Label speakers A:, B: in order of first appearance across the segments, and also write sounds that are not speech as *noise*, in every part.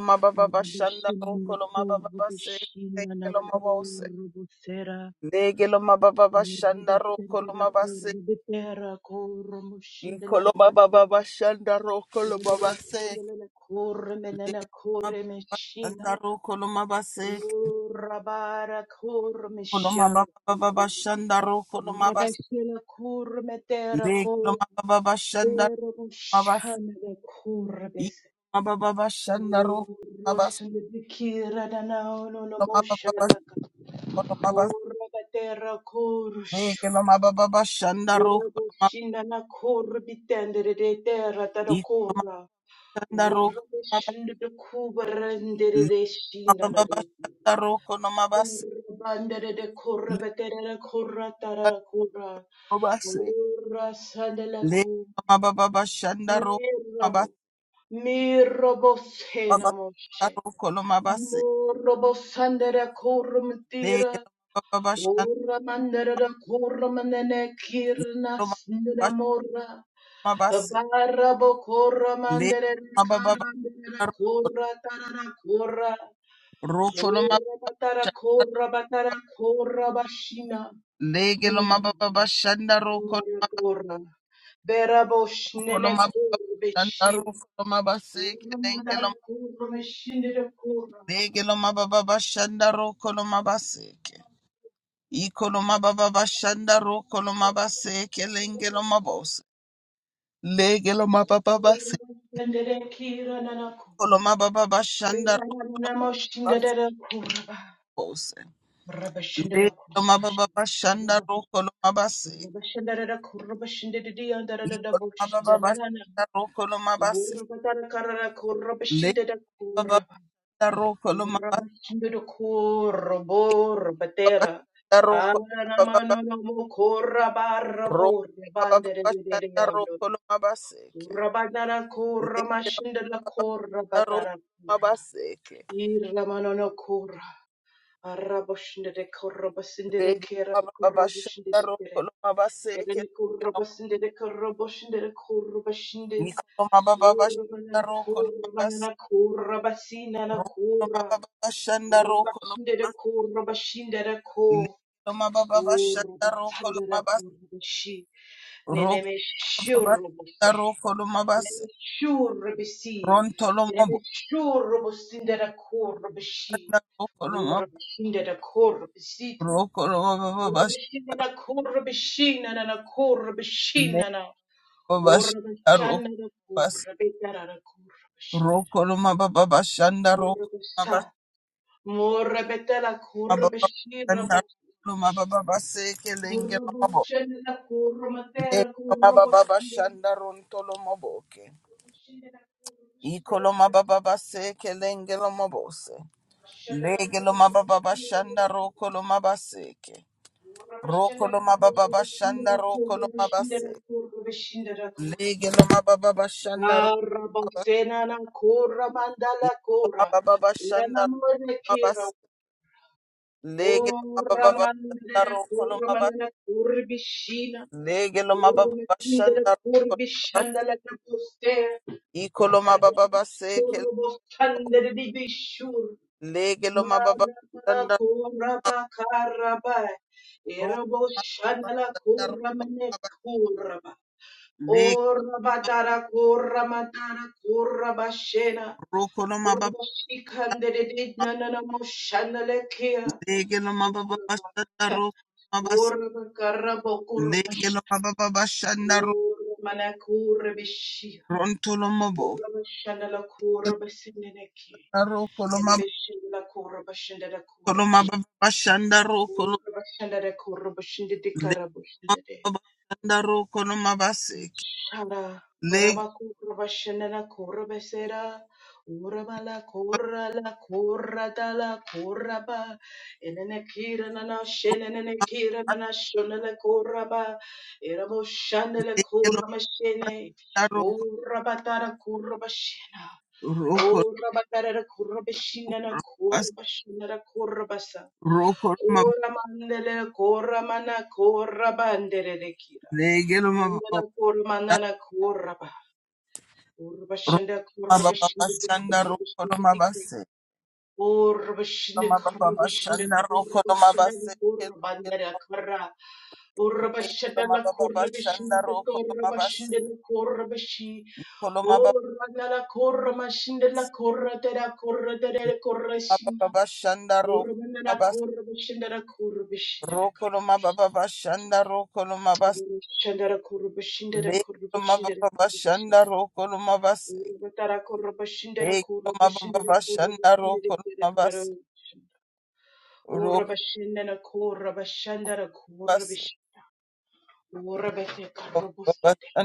A: Mababa
B: Rabashela
A: Shanda Rokoloma Baba Se Negeloma Bose Negeloma Baba Shanda Rokoloma Base Ikoloma Baba Shanda Rokoloma Base Shanda Rokoloma Base Koloma Baba Shanda Rokoloma Base Negeloma Baba Shanda Rokoloma Base Ikoloma Baba Shanda Rokoloma Base Koloma Baba Koloma Base
B: Urakatera korush.
A: Negeloma Baba Shanda Rokoloma
B: Virabushinda na koru bitendere de terra tara
A: Ikoloma
B: korra.
A: Shanda Rokoloma
B: Urabushinda de kubarendere de shinda na
A: Mababa
B: de kura.
A: shanda roko no mabase.
B: Bandere de korra
A: Lega
B: betere de korra
A: no
B: tara kura.
A: mabase.
B: Urasande la
A: Lega no
B: kura.
A: mababa shanda roko no
B: Mirabu.
A: mabase.
B: Mirobosena
A: Baba shanda
B: moshe.
A: roko no mabase.
B: Morobosandere korum
A: Lega
B: tira.
A: no mababa shanda
B: Uramandara kuramandene
A: roko
B: kirna
A: no mabase.
B: snidamora.
A: Mabase.
B: Barabo
A: Lega
B: kuramandere
A: no mababa
B: karandere
A: shanda
B: kura tarara kura.
A: roko no mabase.
B: Urabatara kora batara kura bashina.
A: Lega no mababa shanda roko
B: Kura. Berabo
A: roko no
B: shnene
A: mababa
B: kura
A: shanda
B: beshir.
A: roko no mabase. Kelenge
B: Uramandara
A: no
B: kora beshindere kora
A: Lege lo mababa shanda roko no mabase. Ikoloma baba bashanda ro koloma base kelengelo mabose. Legelo mababa base.
B: Uramandere kira nanako.
A: Koloma baba bashanda ro base
B: Uramandere kora nanako.
A: bose.
B: Rabashandala
A: Legelo mababa
B: kurabashin.
A: bashanda ro koloma base.
B: Rabashandara kurabashindidiya darada
A: Ikoloma baba
B: bushidalana.
A: bashanda ro koloma base.
B: Urabatara karara
A: Legelo
B: kurabashindada
A: baba
B: kuraba.
A: bashanda ro koloma
B: Urabashindada kurabo
A: baba
B: rabatera.
A: bashanda ro koloma baba base.
B: Anamano no
A: ro
B: kurabarabo
A: koloma baba bashanda ro
B: rabandidididiando.
A: koloma base.
B: Urabadara
A: Legelo
B: kuramashindala
A: ro
B: kurabatara
A: koloma
B: kura.
A: base.
B: Iramano no Arabashinde de korobasinde de
A: Lege
B: kera
A: baba baba
B: korobashinde
A: shanda
B: de
A: roko
B: kere.
A: lo baba seke
B: Eren
A: lege lo
B: korobasinde de korobashinde de korobashinde.
A: niko lo baba baba shanda
B: Urbanan
A: roko lo baba se-
B: korbanan korobasina na
A: roko lo
B: kora.
A: baba baba shanda roko lo
B: Rabashinde de
A: baba
B: korobashinde de ko.
A: lege lo baba baba shanda roko lo
B: Urbatande de
A: baba se-
B: korobashi.
A: roko lo
B: Neneme
A: baba
B: shurubus.
A: shanda roko lo baba se
B: Neneme shurubisi.
A: ronto lo
B: Neneme
A: mabo
B: shurubusinde de korobashi.
A: shanda roko lo mabo
B: Urabashinde de korobasita.
A: roko lo baba baba sh-
B: Urubishina kurubishina na kurubishina
A: lege
B: na
A: baba shanda
B: urubishana
A: roko
B: na
A: baba se
B: kurubitara na kurubishina
A: roko lo baba baba shanda roko lo
B: urubisa
A: baba
B: murabetala
A: baba baba
B: kurubishina
A: shanda roko lo baba
B: bokurubishina
A: baba seke lenge lo mabo
B: murubushina na kurumatera
A: Mababa
B: kurubishina urubishina
A: Shanda Rontolo Moboke.
B: na kurubishina na kurubishina na
A: Ikolo Mababa
B: kurubishina
A: Seke Lengelo Mobose.
B: urubishina na
A: Legelo
B: kurubishina na kurubishina na
A: Mababa Shanda Rokolo Mabaseke. Rokolo Mababa Shanda Rokolo
B: kurubishina
A: Mabase.
B: na kurubishina
A: Legelo Mababa Shanda Romaba.
B: Karaboksena na kura mandala
A: Ikolo
B: kura.
A: Mababa
B: Irana
A: Shanda
B: mone kira.
A: Romabas. Legelo
B: Ora
A: Mababa Shanda
B: mandere
A: Rokolo
B: kura
A: Mabas.
B: mandala kura bishina.
A: Legelo
B: Ora
A: Mababa
B: mandere
A: Shanda
B: kura
A: Rokolo Mabas.
B: bishandala na poste.
A: Ikolo Mababa Seke.
B: Kura bostandere di bishur.
A: Legelo Mababa
B: Maraba kura bakara ba. Era boshandala kura mane kura
A: Leg
B: Ora batara kura matara kura bashena.
A: rokoloma
B: Kura
A: baba
B: shikande de de na na na mo shana le kia.
A: legeloma baba
B: Ora
A: bashanda
B: ba-
A: rokoloma bas
B: kura mash.
A: legeloma baba bashanda ro
B: Ora mana kura bishia.
A: rontoloma bo
B: Ora bashana la kura basine ne kia. Yere
A: rokoloma
B: la kura bashenda la kura
A: rokoloma
B: bashina.
A: baba bashanda rokoloma
B: Ora bashanda la kura bashinda de
A: legeloma
B: karabush de
A: baba bashanda rokoloma bas
B: Shara
A: legeloma
B: marama kurra bashana la kurra besera ura mala kurra la kurra dala la kurra ba enene kira na na shene nene kira na na shona la kurra ba era mo shana la
A: legeloma
B: kurra mashene
A: bashanda rokol
B: ura batara kurra bashena
A: rokol
B: ura batara la kurra bashina na
A: bas
B: kurra bashina la kurra basa
A: rokoloma
B: ura mandele kurra mana kurra bandere
A: legeloma
B: Andara
A: baba
B: kurmanana kuraba. Kurbashanda
A: rokoloma baba
B: kurbashanda di
A: bashanda
B: kurbashanda
A: rokoloma
B: di
A: bas
B: kurbashanda
A: Loma baba
B: kurbashanda
A: bashanda roko basi
B: kurbashanda di
A: base kele
B: kurbandara kara. Urbashanda
A: loma
B: la
A: baba
B: kurbashanda
A: bashanda
B: di
A: roko loma base
B: kurbashanda di kurbashi.
A: iko loma baba
B: Urmanala kurmashinda la kurratera kurratera
A: baba
B: kurrashina.
A: bashanda roko
B: Urmanala
A: loma base
B: kurbashanda la kurbashanda la
A: roko loma baba bashanda roko loma base
B: kurbashanda la kurbashanda la
A: le
B: kurbashanda
A: loma
B: la
A: baba bashanda
B: kurbashanda.
A: roko loma
B: Urutara
A: le
B: kurubashindere
A: loma baba
B: kurubashindere
A: bashanda
B: kurubashindere
A: roko loma
B: kurubashindere urabashindana kurabashandara kurabishita urabete karubusindere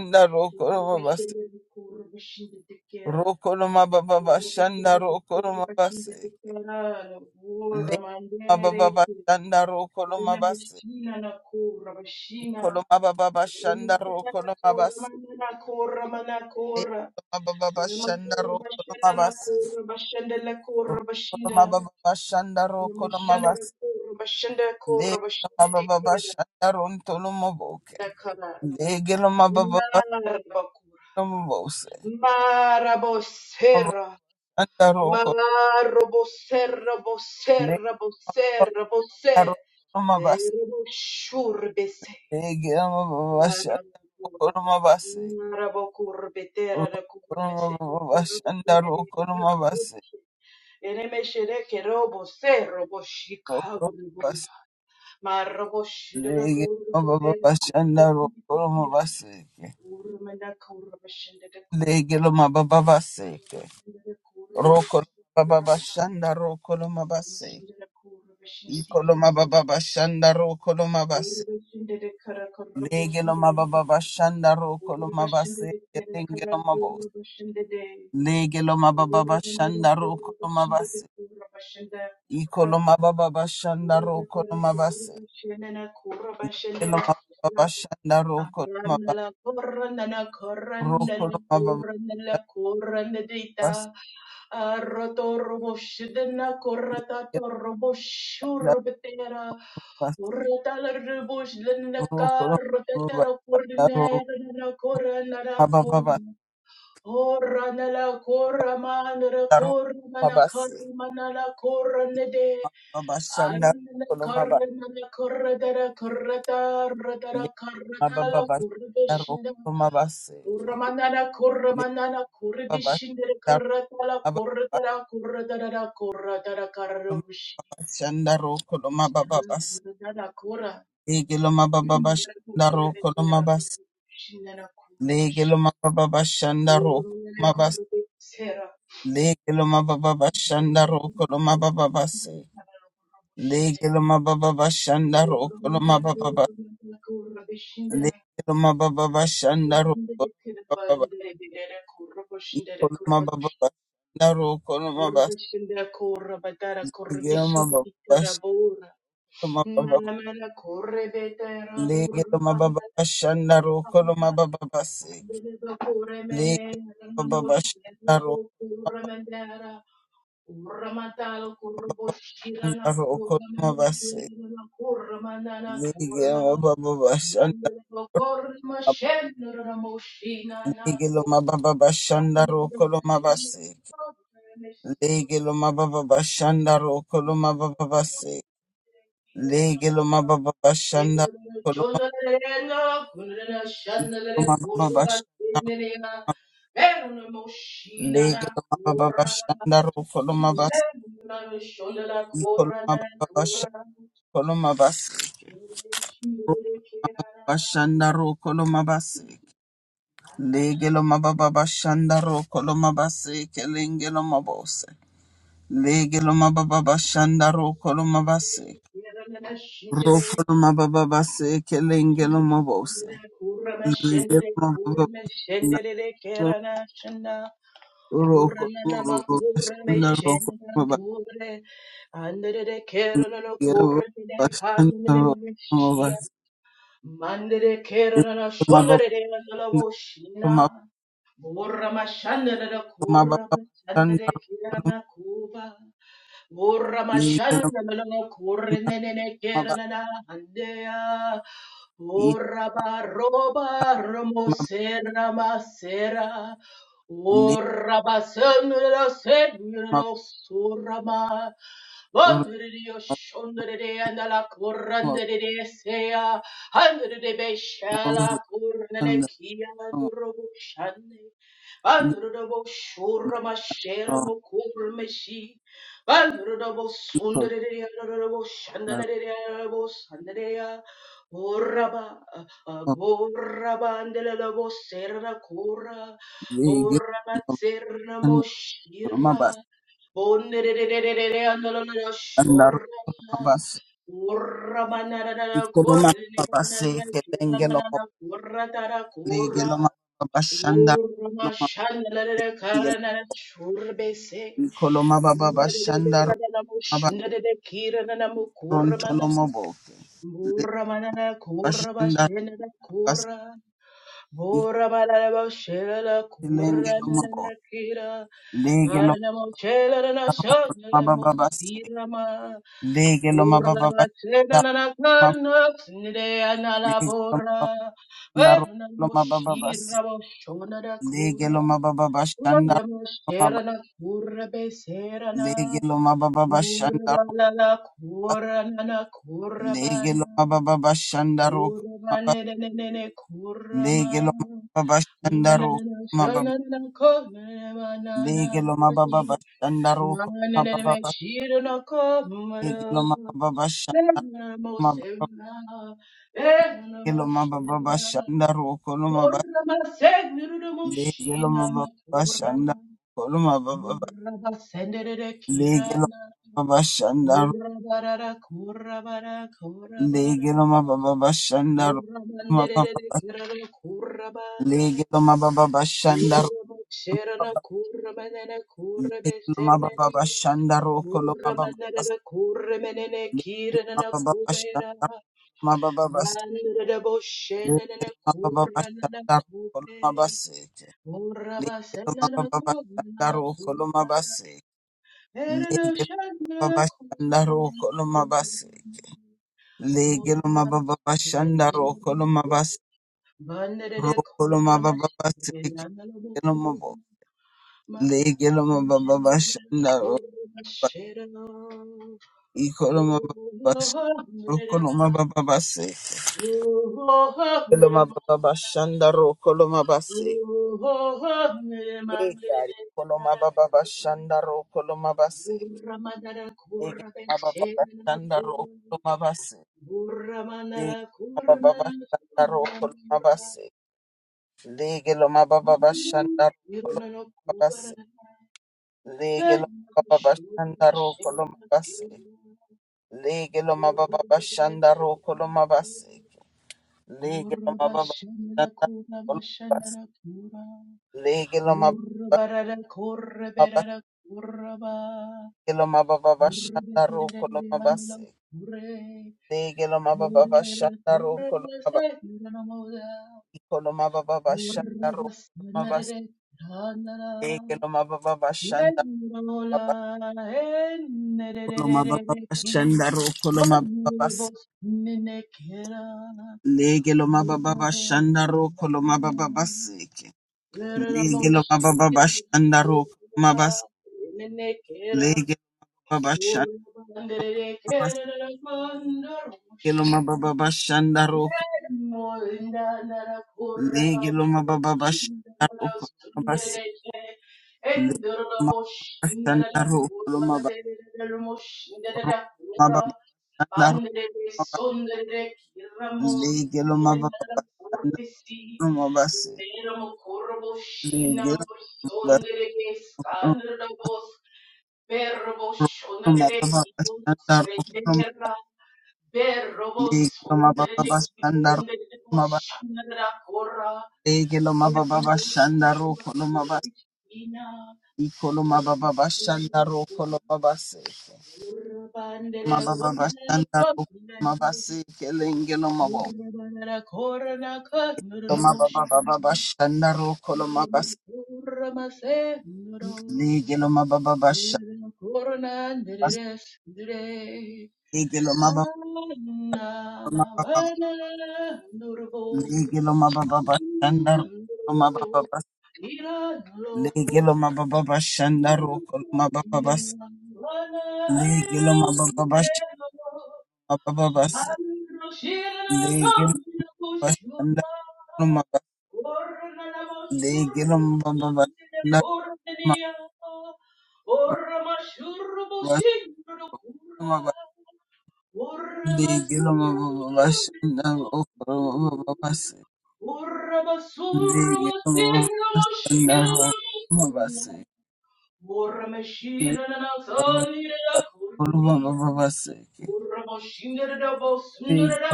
B: urabashindere kurabashindere kera urabashindere kurabashindere kera
A: Le
B: uramandere
A: mababa
B: kera
A: shanda roko lo mabase.
B: rinamishina na kurabashina
A: Ikolo mababa shanda roko lo mabase.
B: Kora mana
A: Le
B: kora
A: mababa shanda
B: Namakura
A: roko lo
B: bashenda
A: mabase.
B: nakura bashenda nakura
A: Roko lo
B: bashinda
A: mababa shanda roko lo
B: Namushanda
A: mabase.
B: nakura bashenda kura
A: Le
B: bashindi
A: mababa
B: tikera
A: shanda ronto lo maboke.
B: nakara
A: Le gelo mababa
B: Marabakura
A: lo mabose. Mababa
B: Marabosera
A: Shanda roko.
B: Marabosera
A: Le
B: bosera bosera
A: mababa roko
B: bosera
A: lo mabase.
B: Ereboshurbese
A: Le gelo mababa shanda roko
B: Marabokura,
A: lo mabase.
B: Marabokur Betera
A: Roko
B: da Kurbese,
A: lo mababa shanda roko lo mabase.
B: Enemeshereke Robo Se Robo
A: Rokoro
B: Chicago
A: mabasi
B: Robosa, Maroboshida
A: lege
B: Buru
A: mababa
B: Betera,
A: bashanda rokoro mabaseke
B: Urmana Kurbashinda de
A: lege lo mababa baseke
B: Kurbashinda de
A: rokoro mababa
B: Kurbashinda
A: bashanda
B: Mashindira kura bashinda dikira uri bashinda rekara kara bashinda rekara uri bashinda rekara kara kura bashinda de uri bandara kura bashinda de kura bashinda kura Kurubashere kurubashenena kurubashenena kura aranala koranala koranala
A: mababa
B: koranala koranadita arotoroboshedena korata toroboshurubetera
A: Ndarubase,
B: uratala ruboshlena
A: kurukuru,
B: karotetera
A: rubasa, ndaru,
B: korinera koranala
A: mababa,
B: Ora nala corra mandra
A: ndaru,
B: corra mana
A: mabase,
B: corra mana la corra ne de
A: mababa, shanda,
B: Arna
A: kuru,
B: corra
A: maba,
B: mana corra dara corra tarra
A: le,
B: dara corra dala
A: mababa,
B: corra
A: ndaru,
B: bishinda
A: kuru, mabase, ke,
B: Ura manana corra
A: le,
B: manana corra
A: mababa,
B: bishinda
A: ndaru,
B: corra tala corra
A: mababa,
B: dara corra dara corra dara corra
A: mababa,
B: bishinda
A: base,
B: corra dara corra
A: lege, lo, mababa, shanda, ru,
B: corra de
A: kuru,
B: terra bishinda corra
A: lege, lo,
B: bishinda
A: mababa, shanda, ru,
B: Ura
A: kuru,
B: manana corra
A: lege, lo, mababa, shanda, ru, mababa, base, Legelo ma ba ba ba bashanda
B: Mala
A: rokoloma ma ba ba ba bashanda ma ba ba ba baba bashanda rokoloma ba ba baba bashanda baba ba
B: mala corre beta rabur
A: ba baba bashanda rokoloma baba ba Legelo ma ba baba bashanda rokoloma
B: banda
A: baba ba ba ba. Legelo ma ba ba ba shanda rokolo ma ba ba ba bashanda legeloma ma ba ba ba shanda rokolo
B: Kurramatala
A: ma ba ba ba ba shanda
B: kurboshirana
A: rokolo ma ba se.
B: kurramanekirana kurramanana
A: Legelo
B: kurra.
A: ma ba ba ba shanda
B: Mandela
A: rokolo
B: kurma
A: ma ba.
B: shenra moshina
A: Legelo ma ba ba ba shanda rokolo ma ba se. Lege lo mababa bashanda roko lo mababa base. Lege lo mababa bashanda roko lo mababa bashanda. Lege lo mababa bashanda roko lo mabase. Iko lo mababa bashanda lo mabase. Bashanda roko lo mabase. Lege lo mababa bashanda roko lo mabase. Kelenge lo mabose. Lege lo mababa bashanda roko lo mabase. Roko lo mababa base. Kelenge lo mabose.
B: Kurama
A: Legelo
B: shendere kurme shendere kerana shanda kurana nama kurme shendere kure andere kerana no kurme kanine shia mandere kerana shondere nala voshina kurama shandere kurama shandere kerana kuba Oramashandalala korenene keranana handeya. Orabaroba romosera masera. Orabasanala senala surama. Vandriyo shondere andala korandere seya. Handere beshala korenene kia androbo shande. Androbo shurama shera mokurmeshi. Alrobos undereya, robos shandaleya, robos undereya. Boraba, boraba, andela bos serra cora, boraba Kurra
A: Legeloma Babashanda
B: Urma
A: Loma
B: shandalere karana shurbese.
A: Nicoloma
B: Mandere
A: Babashanda
B: berana
A: Baba
B: mushundere kirana mukurmana.
A: Rontolomobo Le
B: Muramana kurva
A: Bashanda Babas
B: Kurra Murra la la Kurra
A: Lengelomobo Legeloma Baba Babas Legeloma Baba Bashanda Legeloma Baba Loma Babas Legeloma Baba Bashanda Legeloma Baba Bashanda
B: na na kurra
A: Legeloma
B: bana.
A: Baba Bashanda
B: Uramanenenene kurama.
A: Lege lo mababa shandaro
B: Mananana
A: mababa
B: shanana kone manana
A: lege lo
B: kurdi.
A: mababa shandaro
B: Mananana me
A: mababa
B: shirana
A: lege lo
B: komara.
A: mababa shandaro
B: Nana mo
A: mababa
B: sevna. Nana
A: lege
B: mo
A: lo mababa
B: shira.
A: shandaro kolo mababa
B: Urama segnuru mo
A: lege lo
B: shina ma
A: mababa
B: kura.
A: shandaro kolo mababa
B: Urama sendere
A: lege lo
B: kirana.
A: mababa shandaro
B: Urabara kurabara kurabara.
A: lege lo mababa shandaro
B: Kurrabanderere
A: mababa
B: kerala kurrabana
A: lege lo mababa shandaro
B: kurrabaksherana
A: mababa
B: kurrabanana
A: lege lo
B: kurrabesenene
A: mababa shandaro kolo mababa
B: murramanana kurremenene
A: lege lo
B: kiranana
A: mababa
B: kubera
A: shandaro mababa
B: nanana
A: Legelo
B: boshenana
A: Koloma
B: kurranana kube kurrabasenana kurrana kubara erana shanana kurrana kubara
A: baba
B: kurrabasenana kubana Bandere kurra mashiranalo kurra ma kurra mashira oh Lord, nere ba oh Lord, nere ma
A: bashanda
B: oh nere mandere
A: ro koloma base.
B: kurra madara
A: Ege
B: kurra
A: maba baba
B: beshena
A: shanda
B: kurra
A: roko mabase.
B: kurra manara
A: Lege maba
B: kurna
A: baba shanda roko
B: kurna
A: mabase. Lege lo maba baba shanda roko
B: kurna na kubara
A: mabase. Lege lo maba baba shanda roko mabase. Lege lo maba baba shanda roko mabase.
B: Urra
A: Lege lo maba baba shanda roko mabase. Lege lo maba
B: barara corre
A: baba
B: berara corra ba
A: lege lo maba baba
B: urre
A: shanda
B: berara
A: roko
B: andala
A: mabase.
B: urre
A: Lege lo maba baba
B: berara
A: shanda
B: corre
A: roko
B: la se no moda
A: Koloma baba bashanda
B: urra
A: ro koloma
B: basnare
A: basne
B: ranara
A: koloma baba
B: Yes,
A: bashanda baba koloma baba bashanda ro koloma baba bas lege loma baba bashanda ro koloma baba baseke lege loma baba bashanda ro koloma bas lege baba bashanda bas lege loma baba bashanda ro lege loma baba bashanda ro koloma bas lege loma baba bashanda ro koloma bas ro koloma baba bashanda ro Legelo mababa shanda rumaba se.
B: Mera mo korbo shina
A: Legelo
B: mo
A: mababa
B: sondere ke skandra Berrobo shonere
A: rumaba
B: kibun
A: shanda rumaba.
B: rendera. Berrobo
A: Legelo
B: sonere
A: mababa
B: kibun
A: shanda
B: rendera
A: rumaba.
B: shonera kora.
A: Legelo mababa shanda rumaba.
B: Berrobo
A: Ikolo mababa shanda rumaba se. Mababa shanda rumaba se. Kelengelo mababa.
B: shonera kora
A: Mababa shanda rumaba se.
B: kina.
A: Legelo mababa
B: Thank
A: shanda. Legelo mababa. Lege lo mababa bashanda lo mababa bas. Lege lo mababa bashanda ro lo mababa bas. Lege lo mababa bash
B: you.
A: mababa bas.
B: Orra mashira
A: Lege lo bashanda lo mababa. Lege lo mababa bashanda lo mababa mababa. Lege lo mababa bashanda ro lo mababa bas. Lege lo mababa bashanda ro lo mababa bas. Lege
B: na na
A: lo
B: sanira la kurnia.
A: mababa bashanda ro lo mababa bas.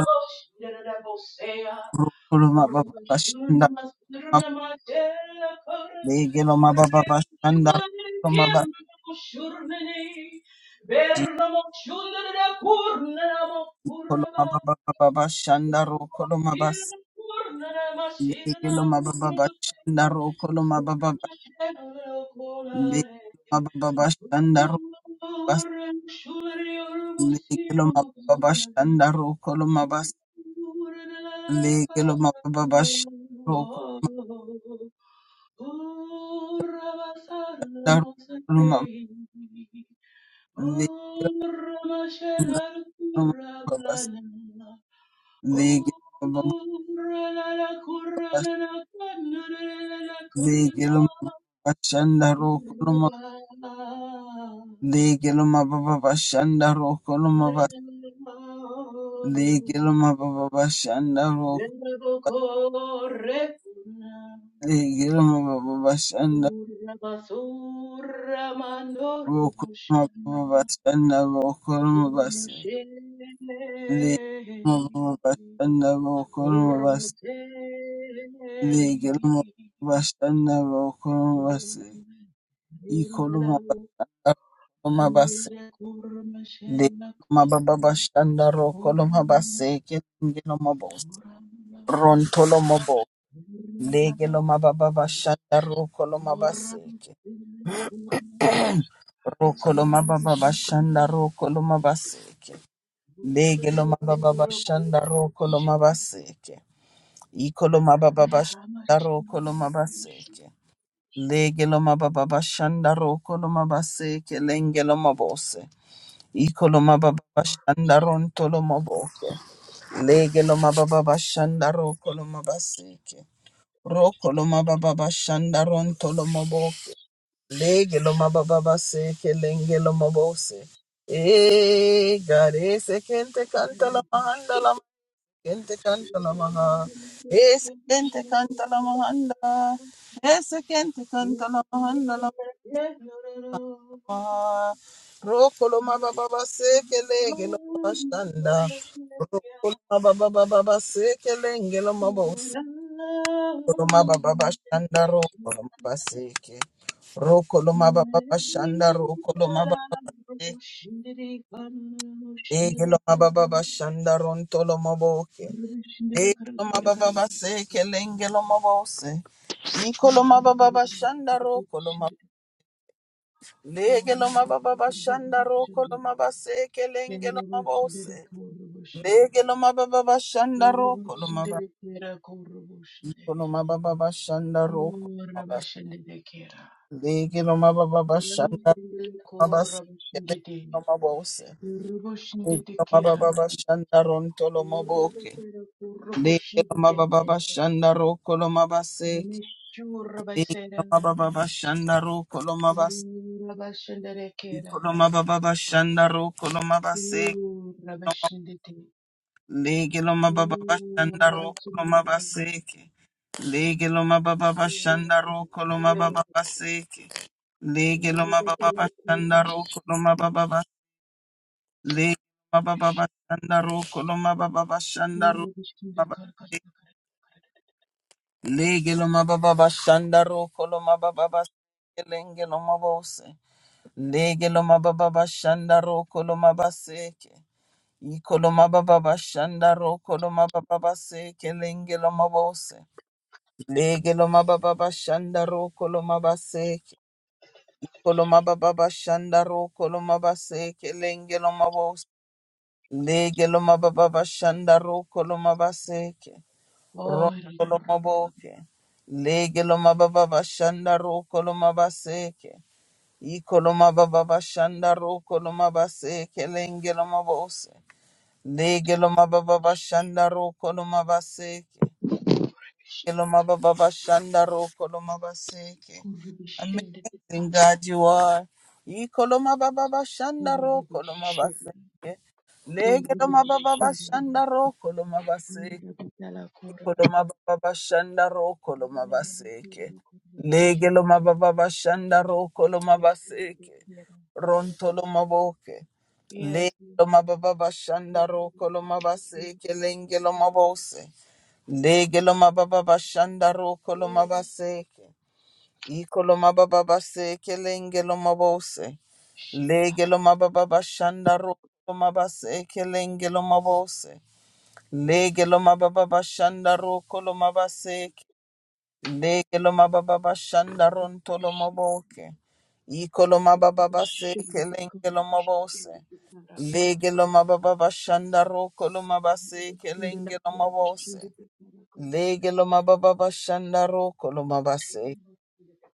A: Kuruma baba bashanda legelo mababa bashanda kuruma bashi kuruma baba baba bashanda ro kuruma bas legelo mababa bashanda ro kuruma baba
B: Thank
A: legelo
B: you.
A: mababa
B: Oh,
A: bashanda ro bas legelo mababa bashanda ro kuruma bas legelo mababa bashanda ro
B: Oh,
A: kuruma kuruma legelo mababa bas
B: la la corra la la corra la la
A: legelo mababa bashanda ro
B: corra la
A: Legilma baba bashanda roko lomaba legilma baba
B: Verbo
A: bashanda roko
B: corre una
A: legilma baba bashanda
B: urra basurra
A: roko lomaba
B: manormushana
A: baba bashanda roko lomaba se
B: urmashene
A: legilma baba bashanda roko lomaba
B: urmasei
A: legilma baba bashanda roko lomaba ikoloma
B: Nendalavu
A: bashanda lomaba se
B: nandira kurma shenna
A: legilma baba bashanda roko lomaba
B: kurma
A: se kelingilma bose
B: kurma
A: Lege lo mababa bashanda roko lo mabaseke. Roko lo mababa bashanda roko lo mabaseke. Lege lo mababa bashanda roko lo mabaseke. Iko lo mababa bashanda roko lo mabaseke. Lege lo mababa bashanda roko lo mabaseke. Lenge lo mabose. Iko lo mababa bashanda ronto lo maboke. Lege lo mababa bashanda roko lo mabaseke. Roko lo mababa bashanda ronto lo maboke. Lege lo mababa se ke lenge lo mabose. E gare se kente kanta la mahanda la
B: Thank
A: kente kanta la maha. E se kente kanta la mahanda. E se kente kanta la mahanda la maha. Roko lo mababa se ke lege lo mabashanda. Roko lo mababa se ke lenge lo mabose. Koloma baba shanda ro koloma
B: you.
A: baseke. Ro koloma
B: Shindele
A: baba shanda ro koloma baba baseke. Dege loma baba bashanda ron toloma boke. Dege loma baba baseke lenge loma bose. Niko loma baba bashanda ro koloma. Lege loma baba bashanda ro koloma baseke lenge loma bose. Lege loma baba bashanda ro koloma ba. Niko loma baba bashanda ro koloma baseke. Lege loma baba bashanda Mabasi Lengelo Mabose Lengelo Mababa Shandaron tolo Tolomoboke
B: Urabetera
A: Lake
B: kuroboshindikete.
A: Mababa Shandaro Kolomabase Lake
B: Nemeshurabasera.
A: Mababa Shandaro Kolomabase
B: Urabashenderekera.
A: Kolomababa Shandaro Kolomabase
B: Urabashindite.
A: Lake Mababa Shandaro
B: Urabashindilakala.
A: Kolomabase Lake Mababa Shandaro
B: Urabashindilakala.
A: Kolomabase Lake
B: Urabetera
A: Mababa Shandaro
B: kuroboshindikete.
A: Kolo le baba baba shandaro koloma baba baba shandaro baba
B: Urabashindilakala.
A: le geloma baba baba shandaro koloma baba baba lenge loma bose le geloma baba baba shandaro koloma baseke i koloma baba baba shandaro koloma baba baba seke lenge loma bose le geloma baba baba shandaro koloma baseke i koloma baba baba shandaro koloma baseke lenge loma bose Lege loma baba bashanda roko loma baseke. Ronko
B: Oh, Rabbish,
A: loma boke. Lege loma baba bashanda roko loma baseke. Iko loma baba bashanda roko loma baseke. Lenge loma bose. Lege loma baba bashanda roko loma baseke. Lege loma baba bashanda roko loma baseke.
B: Rabbish, Deka,
A: Amazing God you are. Iko loma baba bashanda roko loma
B: Rabbish,
A: baseke. Lege loma baba
B: Rabbish,
A: bashanda roko loma baseke.
B: Rabbish, Rabbish,
A: Koloma baba bashanda roko loma baseke. Lege loma baba bashanda roko loma baseke. Ronto loma boke.
B: Yes,
A: Lege
B: yes.
A: loma bashanda roko loma baseke. Lenge loma bose. Lege bashanda roko loma baseke. Iko loma baseke. Lenge loma Legelo mababa bashanda roko mabase kelengelo mabose. Legelo mababa bashanda roko lo mabase. Legelo mababa bashanda ronto lo maboke. Ikolo mababa base kelengelo mabose. Legelo mababa bashanda roko lo mabase kelengelo mabose. Legelo mababa bashanda roko lo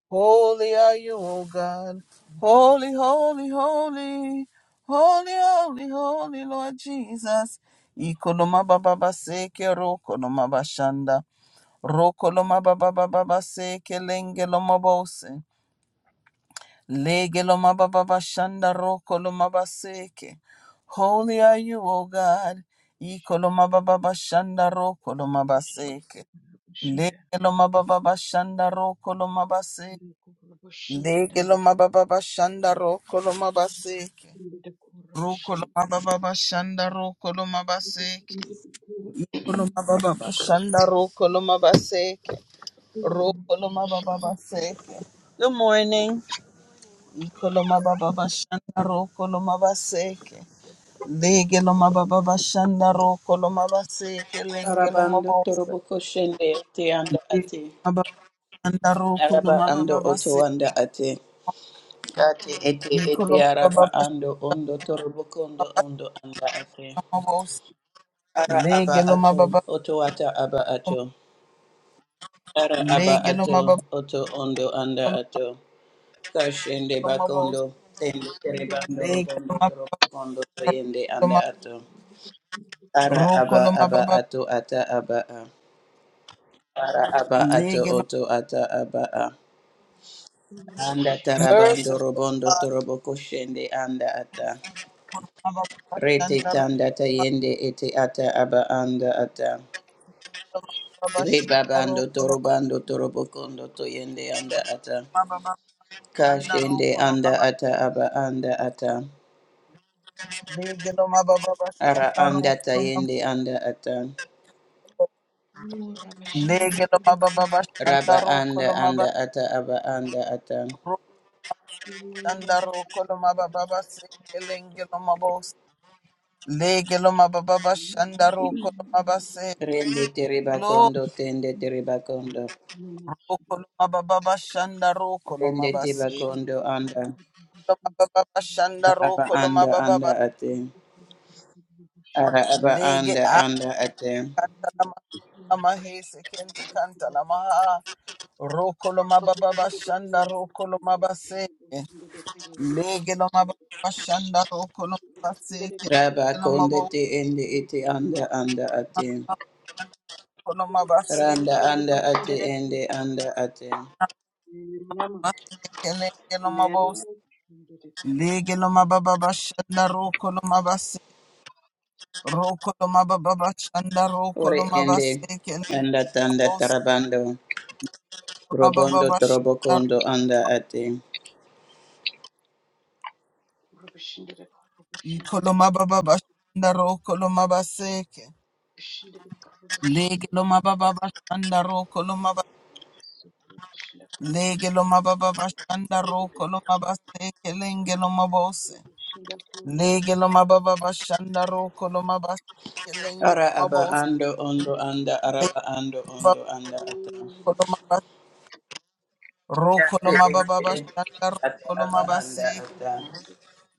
A: Holy are you, O God. Holy, holy, holy. Holy, holy, holy, Lord Jesus. Ikoloma baba baseke roko loma bashanda. Roko loma baba baba baseke lenge loma bose. Lege loma baba bashanda roko loma baseke. Holy are you, O God. Ikoloma baba bashanda roko loma baseke. Lege loma baba bashanda roko loma baseke. Lege lo mababa bashanda roko lo mabaseke. Roko lo mababa bashanda roko lo mabaseke. Iko lo mababa bashanda roko lo mabaseke. Roko lo mababa baseke. Good morning. Iko lo mababa bashanda roko lo mabaseke. Lege lo mababa bashanda roko lo mabaseke. Lenge lo
C: Arabando
A: mabose.
C: toroboko shende ete anda
A: Lege lo
C: ate.
A: mababa bashanda roko lo
C: Araba
A: mababa
C: ando oto
A: baseke.
C: anda ate. Ate ete
A: Iko lo
C: ete
A: mababa
C: araba
A: bashanda
C: ando ondo toroboko ondo
A: roko
C: ondo anda ate.
A: lo mabose.
C: Ara
A: Lege
C: aba
A: lo
C: ato
A: mababa
C: oto ata aba ato. Ara aba
A: Legelo
C: ato
A: mababa
C: oto ondo anda ato. Kashende
A: mabo
C: bakondo tende terebando
A: legelo
C: robondo
A: mababa
C: torobokondo toyende
A: ma
C: anda ato. Ara
A: rokolo
C: aba aba ato ata aba a. Ara aba ato
A: legelo
C: oto ata aba a. Anda tarabando
A: merciful
C: robondo
A: God
C: torobo koshende anda ata.
A: mababa
C: Rete
A: shanda
C: tanda tayende ete ata aba anda ata.
A: mababa shanda
C: Rebabando
A: rokolo
C: torobando torobo kondo toyende anda ata.
A: mababa shanda
C: Kashende
A: rokolo
C: anda ata aba anda ata.
A: legelo mababa
C: Ara
A: shanda
C: anda
A: rokolo
C: tayende anda ata.
A: legelo mababa shanda
C: Raba
A: rokolo
C: anda
A: mababa
C: anda ata aba anda ata.
A: shanda rokolo mababa se legelo mababa legelo mababa shanda rokolo
C: Rende tereba
A: se
C: kondo tende tereba kondo.
A: Rokoloma baba bashanda rokoloma
C: Rende teba
A: baseke.
C: kondo anda.
A: Loma baba bashanda
C: Aba
A: rokoloma
C: anda
A: baba
C: anda
A: ba-
C: ate. Ara aba
A: lege
C: anda anda ate.
A: akanta lama lama hese kente kanta lama ha. Rokoloma baba bashanda rokoloma baseke. Lege loma baba bashanda rokoloma baseke. Lege
C: Raba
A: loma
C: konde
A: bo
C: te ende ete anda anda ate.
A: koloma baseke.
C: Randa anda ate ende anda ate.
A: Lege loma bo lege loma baba bashanda rokoloma baseke. Rokoloma baba bashanda
C: Ore
A: rokoloma
C: ende
A: baseke.
C: anda tanda tarabando. Robondo
A: Mababa
C: trobo
A: Shandaro,
C: kondo anda ate.
A: Ikoloma
B: Kurubushinge
A: Baba Shandaro, Koloma Baseke, Lege Loma Baba Shandaro, Koloma Ba- Lege Loma Baba Shandaro, Koloma Baseke, Lenge Loma Bose, Lege Loma Baba Shandaro, Koloma Baseke, Lenge
C: Ara
A: Loma
C: aba
A: Bose,
C: ando ondo anda
A: Lege
C: araba ando
A: Baba
C: ondo anda ate.
A: Koloma Bas- Ro
C: Yate
A: Koloma
C: ende
A: Baba
C: ete
A: Shandaro,
C: ata
A: Koloma
C: aba anda
A: Baseke,
C: ata.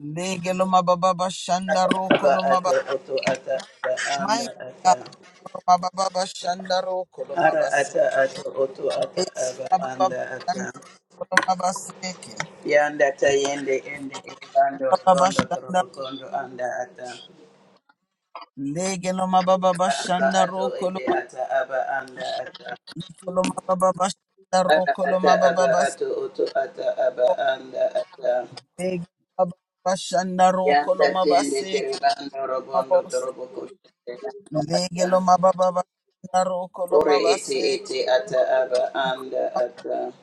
A: Lege Loma Baba
C: Ata
A: Shandaro,
C: aba
A: Koloma Ba-
C: ate oto ata ata anda
A: Mighty God,
C: ata.
A: Koloma Baba Shandaro,
C: Ara
A: Koloma
C: ata ata oto ata aba anda ata yanda ta yende ende ando rondo torobo kondo anda ata
A: Legelo mababa
C: aba
A: bashanda
C: ato
A: rokolo
C: ete ata aba anda ata
A: makolo mababa bashanda
C: ara
A: rokolo
C: ata
A: mababa
C: aba ato
A: basiko
C: oto ata aba anda ata
A: legelo mababa bashanda rokolo
C: yanda tende
A: mabaseke
C: terebando robondo
A: mabose
C: torobo koshende anda ata
A: legelo mababa bashanda rokolo
C: ore ete
A: mabaseke
C: ete ata aba anda ata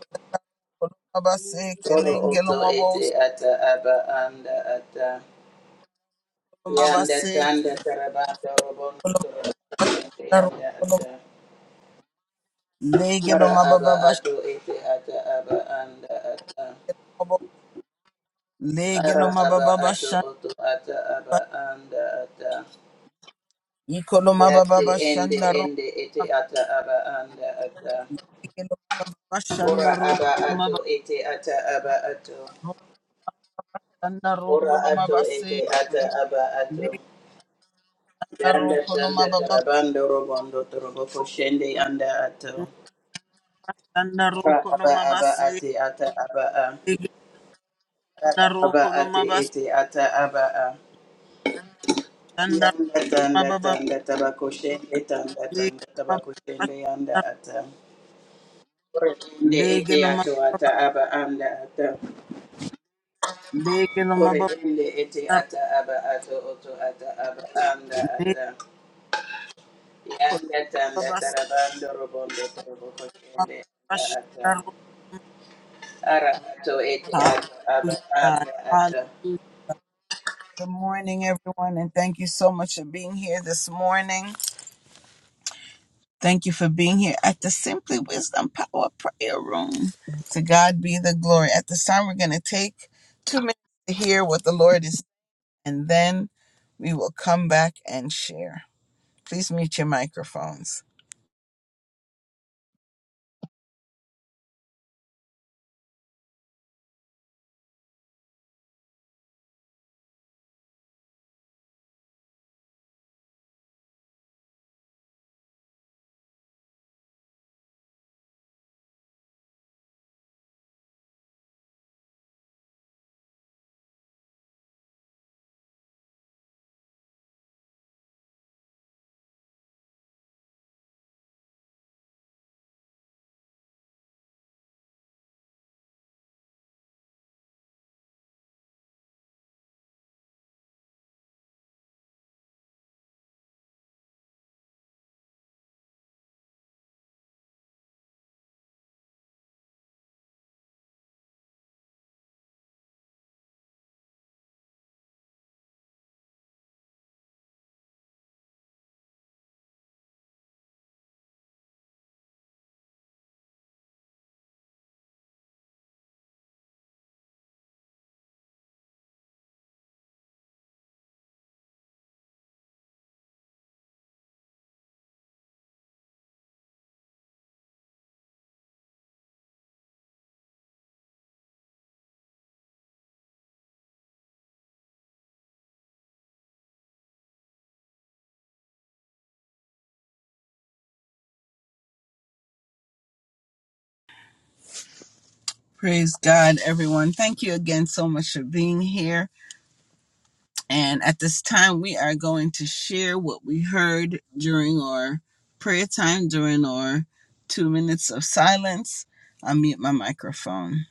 A: kolo mabaseke
C: oro
A: lengelo
C: oto
A: mabose
C: ete ata aba anda ata
A: kolo
C: Yanda
A: mabaseke
C: tanda tarabata robondo
A: kolo
C: torabata
A: mabashanda
C: yanda
A: rokolo
C: ata.
A: legelo
C: Ara aba
A: mababa bashanda
C: ato ete ata aba anda ata.
A: mabo- legelo
C: Ara aba
A: mababa
C: ato
A: bashanda
C: oto ata aba anda ata.
A: Ikoloma baba
C: Yate ende
A: bashanda ro
C: ende ete ata aba anda ata.
A: ikoloma baba bashanda
C: Ora
A: ro
C: aba
A: koloma
C: ato ete ata aba ato.
A: bashanda ro
C: Ora
A: koloma
C: ato
A: base
C: ete ata aba ato.
A: legenda ro
C: Yanda
A: koloma
C: tanda
A: baba
C: tarabando robondo toroboko shende yanda ato.
A: shanda ro
C: Aba aba
A: koloma
C: aba
A: base
C: ate ata aba a.
A: legenda
C: Aba
A: ro
C: aba
A: koloma
C: ate
A: base
C: ete ata aba a.
A: shanda ro
C: Yanda tanda
A: baba
C: tanda tabako shende tanda tanda
A: legenda
C: tabako shende
A: bashanda
C: yanda ata. Ore ende ete
A: legeloma
C: ato ata
A: baba
C: aba anda ata.
A: legeloma
C: Ore
A: baba
C: ende ete ata aba ato oto ata aba anda ata.
A: legeloma
C: Yanda tanda tarabando robondo toroboko shende
A: baba
C: anda ata.
A: shanda ro
C: Ara ato ete ato aba
A: hallelujah
C: anda
A: God.
C: ata.
A: Good morning, everyone, and thank you so much for being here this morning. Thank you for being here at the Simply Wisdom Power Prayer Room. To God be the glory. At this time, we're going to take two minutes to hear what the Lord is, and then we will come back and share. Please mute your microphones. Praise God, everyone. Thank you again so much for being here. And at this time, we are going to share what we heard during our prayer time, during our two minutes of silence. I'll mute my microphone.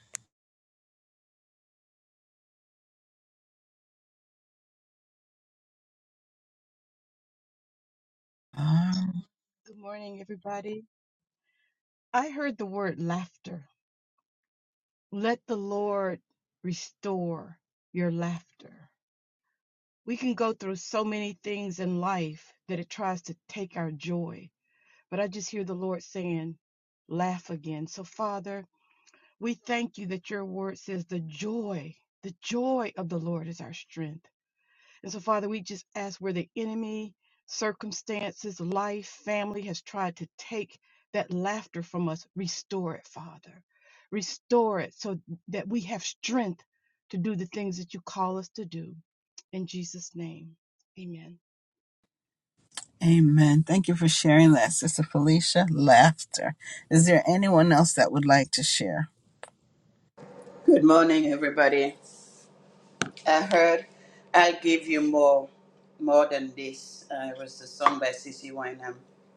A: Um,
B: Good morning, everybody. I heard the word laughter. Let the Lord restore your laughter. We can go through so many things in life that it tries to take our joy, but I just hear the Lord saying, laugh again. So, Father, we thank you that your word says the joy, the joy of the Lord is our strength. And so, Father, we just ask where the enemy, circumstances, life, family has tried to take that laughter from us, restore it, Father. Restore it so that we have strength to do the things that you call us to do. In Jesus' name, amen.
A: amen. Thank you for sharing that, Sister Felicia. Laughter. Is there anyone else that would like to share?
C: Good morning, everybody. I heard I will give you more more than this. Uh, it was the song by CC Wineham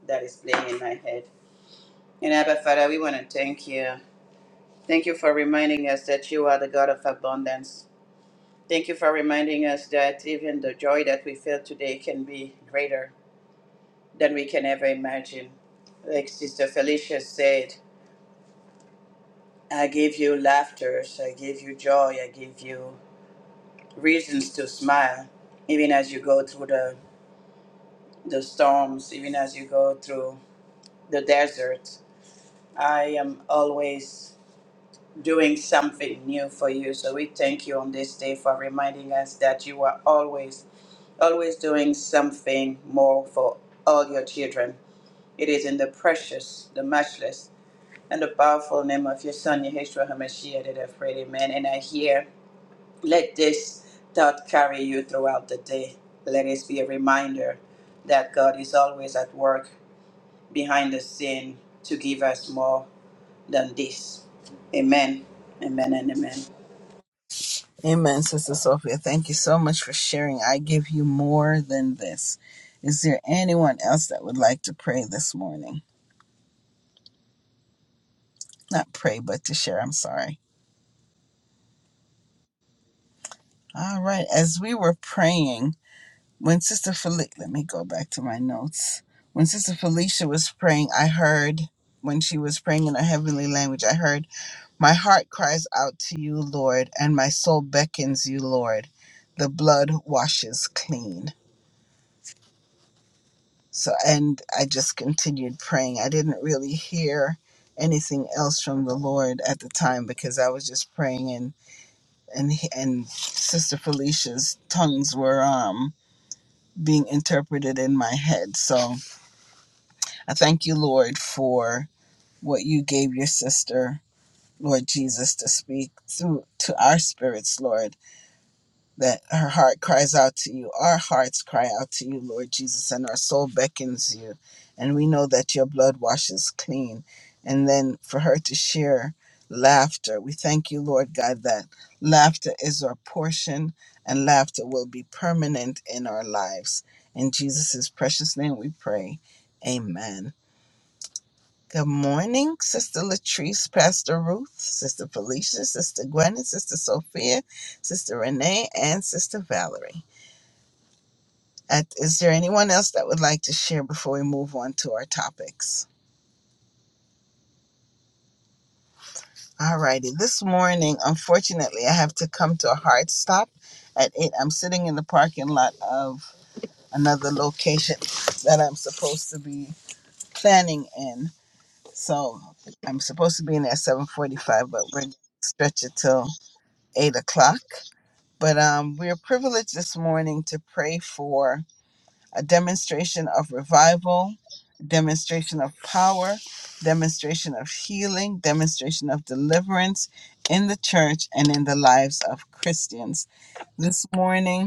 C: that is playing in my head. And Abba Father, we want to thank you. Thank you for reminding us that you are the God of abundance. Thank you for reminding us that even the joy that we feel today can be greater than we can ever imagine. Like Sister Felicia said, I give you laughters, I give you joy, I give you reasons to smile, even as you go through the the storms, even as you go through the desert. I am always doing something new for you. So we thank you on this day for reminding us that you are always, always doing something more for all your children. It is in the precious, the matchless, and the powerful name of your Son, Yeshua HaMashiach, that I've prayed, amen. And I hear, let this thought carry you throughout the day. Let it be a reminder that God is always at work behind the scene to give us more than this. Amen. Amen and amen.
A: Amen, Sister Sophia. Thank you so much for sharing. I give you more than this. Is there anyone else that would like to pray this morning? Not pray, but to share. I'm sorry. All right. As we were praying, When Sister Felicia, let me go back to my notes. When Sister Felicia was praying, I heard, when she was praying in her heavenly language, I heard, My heart cries out to you, Lord, and my soul beckons you, Lord. The blood washes clean. So, and I just continued praying. I didn't really hear anything else from the Lord at the time because I was just praying and and and Sister Felicia's tongues were um being interpreted in my head. So I thank you, Lord, for what you gave your sister, Lord Jesus, to speak through to our spirits, Lord, that her heart cries out to you, our hearts cry out to you, Lord Jesus, and our soul beckons you. And we know that your blood washes clean. And then for her to share laughter, we thank you, Lord God, that laughter is our portion and laughter will be permanent in our lives. In Jesus' precious name we pray. Amen. Good morning, Sister Latrice, Pastor Ruth, Sister Felicia, Sister Gwyneth, Sister Sophia, Sister Renee, and Sister Valerie. At- Is there anyone else that would like to share before we move on to our topics? Alrighty, This morning, unfortunately, I have to come to a hard stop at 8. I'm sitting in the parking lot of another location that I'm supposed to be planning in. So I'm supposed to be in there at 745, but we're going to stretch it till 8 o'clock. But um, we're privileged this morning to pray for a demonstration of revival, demonstration of power, demonstration of healing, demonstration of deliverance in the church and in the lives of Christians. This morning,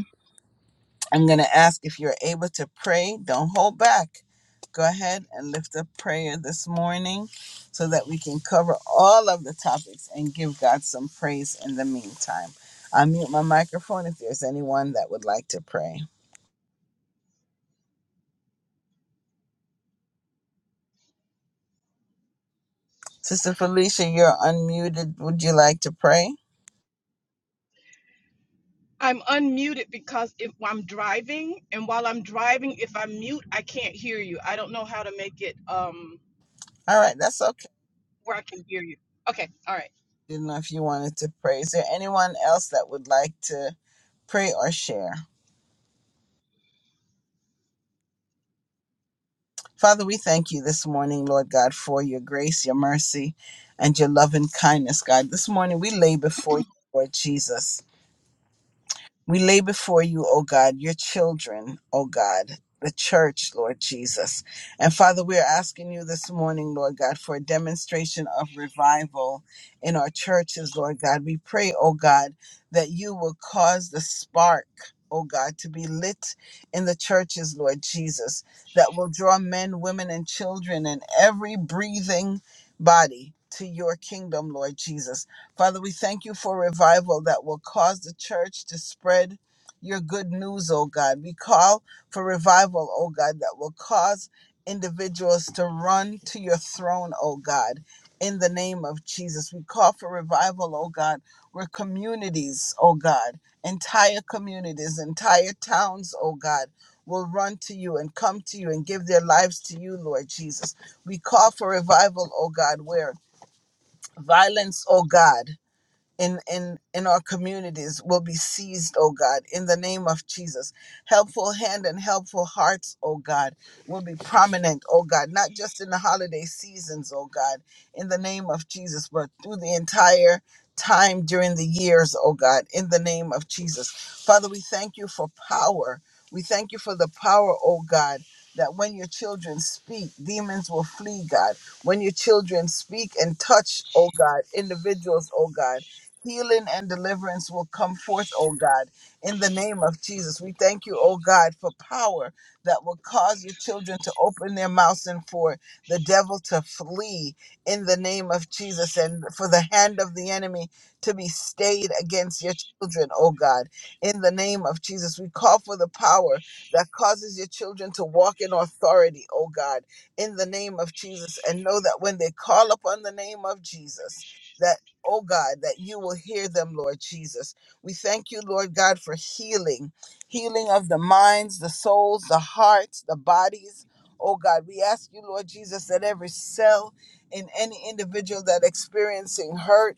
A: I'm going to ask if you're able to pray. Don't hold back. Go ahead and lift up prayer this morning so that we can cover all of the topics and give God some praise in the meantime. I mute my microphone if there's anyone that would like to pray. Sister Felicia, you're unmuted. Would you like to pray?
B: I'm unmuted because if I'm driving, and while I'm driving, if I'm mute, I can't hear you. I don't know how to make it um,
A: All right, that's okay.
B: where I can hear you. Okay, all right.
A: Didn't know if you wanted to pray. Is there anyone else that would like to pray or share? Father, we thank you this morning, Lord God, for your grace, your mercy, and your love and kindness, God. This morning we lay before you, Lord Jesus. We lay before you, O God, your children, O God, the church, Lord Jesus. And Father, we are asking you this morning, Lord God, for a demonstration of revival in our churches, Lord God. We pray, O God, that you will cause the spark. O God, to be lit in the churches, Lord Jesus, that will draw men, women, and children and every breathing body to your kingdom, Lord Jesus. Father, we thank you for revival that will cause the church to spread your good news, oh God. We call for revival, oh God, that will cause individuals to run to your throne, oh God. In the name of Jesus, we call for revival, oh God, where communities, oh God, entire communities, entire towns, oh God, will run to you and come to you and give their lives to you, Lord Jesus. We call for revival, oh God, where violence, oh God in in in our communities will be seized oh god in the name of jesus helpful hand and helpful hearts oh god will be prominent oh god not just in the holiday seasons oh god in the name of jesus but through the entire time during the years oh god in the name of jesus father we thank you for power we thank you for the power oh god that when your children speak, demons will flee, God. When your children speak and touch, oh God, individuals, oh God Healing and deliverance will come forth, oh God, in the name of Jesus. We thank you, oh God, for power that will cause your children to open their mouths and for the devil to flee in the name of Jesus and for the hand of the enemy to be stayed against your children, oh God, in the name of Jesus. We call for the power that causes your children to walk in authority, oh God, in the name of Jesus, and know that when they call upon the name of Jesus, that oh God, that you will hear them, Lord Jesus. We thank you, Lord God, for healing, healing of the minds, the souls, the hearts, the bodies. Oh God, we ask you, Lord Jesus, that every cell in any individual that experiencing hurt,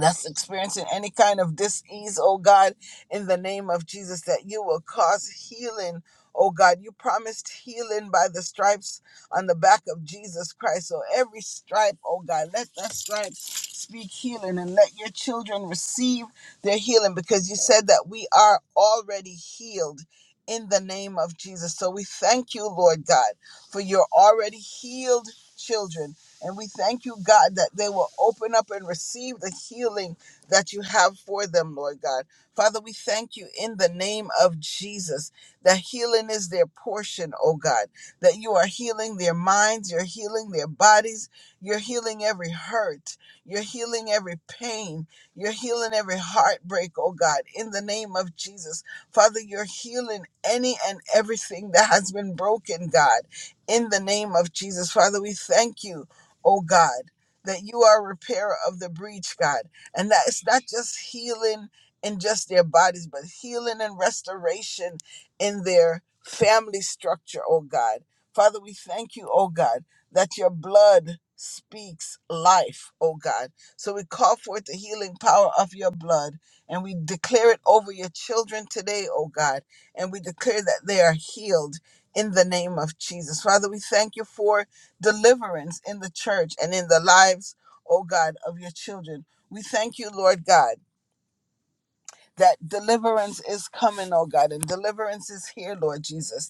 A: that's experiencing any kind of dis-ease, oh God, in the name of Jesus, that you will cause healing, oh God. You promised healing by the stripes on the back of Jesus Christ. So every stripe, oh God, let that stripe speak healing and let your children receive their healing because you said that we are already healed. In the name of Jesus. So we thank you, Lord God, for your already healed children and we thank you, God, that they will open up and receive the healing that you have for them, Lord God. Father, we thank you in the name of Jesus that healing is their portion, oh God, that you are healing their minds, you're healing their bodies, you're healing every hurt, you're healing every pain, you're healing every heartbreak, oh God, in the name of Jesus. Father, you're healing any and everything that has been broken, God, in the name of Jesus. Father, we thank you oh God, that you are a repairer of the breach, God, and that it's not just healing in just their bodies, but healing and restoration in their family structure, oh God. Father, we thank you, oh God, that your blood speaks life, oh God. So we call forth the healing power of your blood and we declare it over your children today, oh God, and we declare that they are healed in the name of Jesus. Father, we thank you for deliverance in the church and in the lives, oh God, of your children. We thank you, Lord God, that deliverance is coming, oh God, and deliverance is here, Lord Jesus.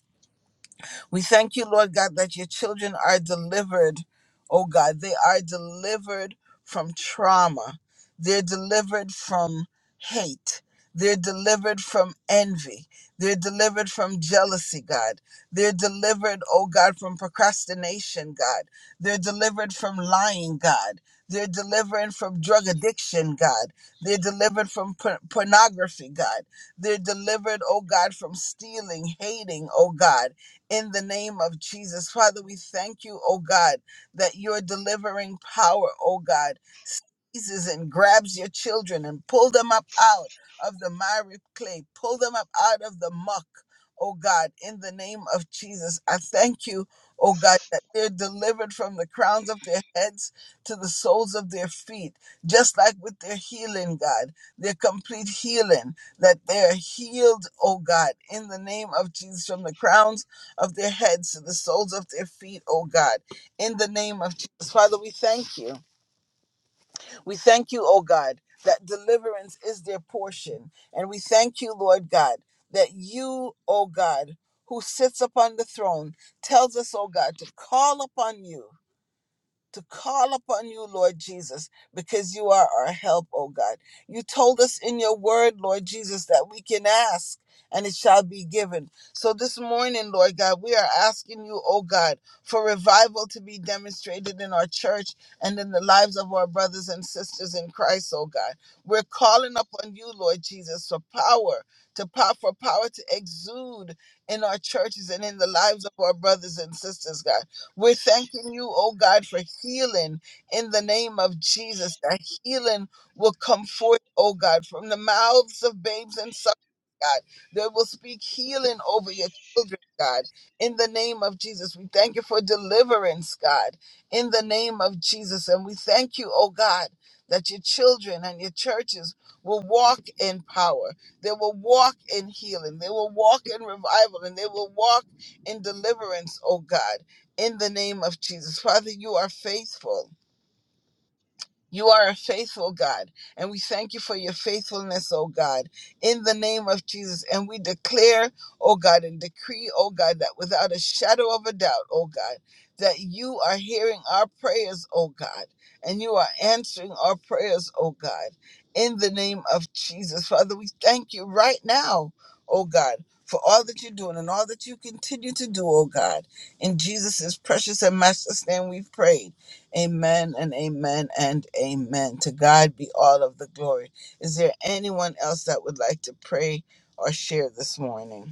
A: We thank you, Lord God, that your children are delivered, oh God. They are delivered from trauma, they're delivered from hate. They're delivered from envy. They're delivered from jealousy, God. They're delivered, oh God, from procrastination, God. They're delivered from lying, God. They're delivered from drug addiction, God. They're delivered from por- pornography, God. They're delivered, oh God, from stealing, hating, oh God in the name of Jesus. Father, we thank you, oh God, that your delivering power, oh God. Jesus and grabs your children and pull them up out of the miry clay, pull them up out of the muck, oh God, in the name of Jesus. I thank you, oh God, that they're delivered from the crowns of their heads to the soles of their feet, just like with their healing, God, their complete healing, that they're healed, oh God, in the name of Jesus, from the crowns of their heads to the soles of their feet, oh God, in the name of Jesus. Father, we thank you. We thank you, oh God, that deliverance is their portion. And we thank you, Lord God, that you, oh God, who sits upon the throne, tells us, oh God, to call upon you to call upon you, Lord Jesus, because you are our help, O God. You told us in your word, Lord Jesus, that we can ask and it shall be given. So this morning, Lord God, we are asking you, O God, for revival to be demonstrated in our church and in the lives of our brothers and sisters in Christ, O God. We're calling upon you, Lord Jesus, for power, to power for power to exude in our churches and in the lives of our brothers and sisters, God. We're thanking you, oh God, for healing in the name of Jesus. That healing will come forth, oh God, from the mouths of babes and suckers, God. They will speak healing over your children, God, in the name of Jesus. We thank you for deliverance, God, in the name of Jesus. And we thank you, oh God, that your children and your churches will walk in power. They will walk in healing. They will walk in revival and they will walk in deliverance, oh God in the name of Jesus. Father, you are faithful. You are a faithful God, and we thank you for your faithfulness, oh God, in the name of Jesus. And we declare, oh God, and decree, oh God, that without a shadow of a doubt, oh God, that you are hearing our prayers, oh God, and you are answering our prayers, oh God, in the name of Jesus. Father, we thank you right now, oh God. For all that you're doing and all that you continue to do, oh God. In Jesus' precious and master's name we've prayed. Amen and amen and amen. To God be all of the glory. Is there anyone else that would like to pray or share this morning?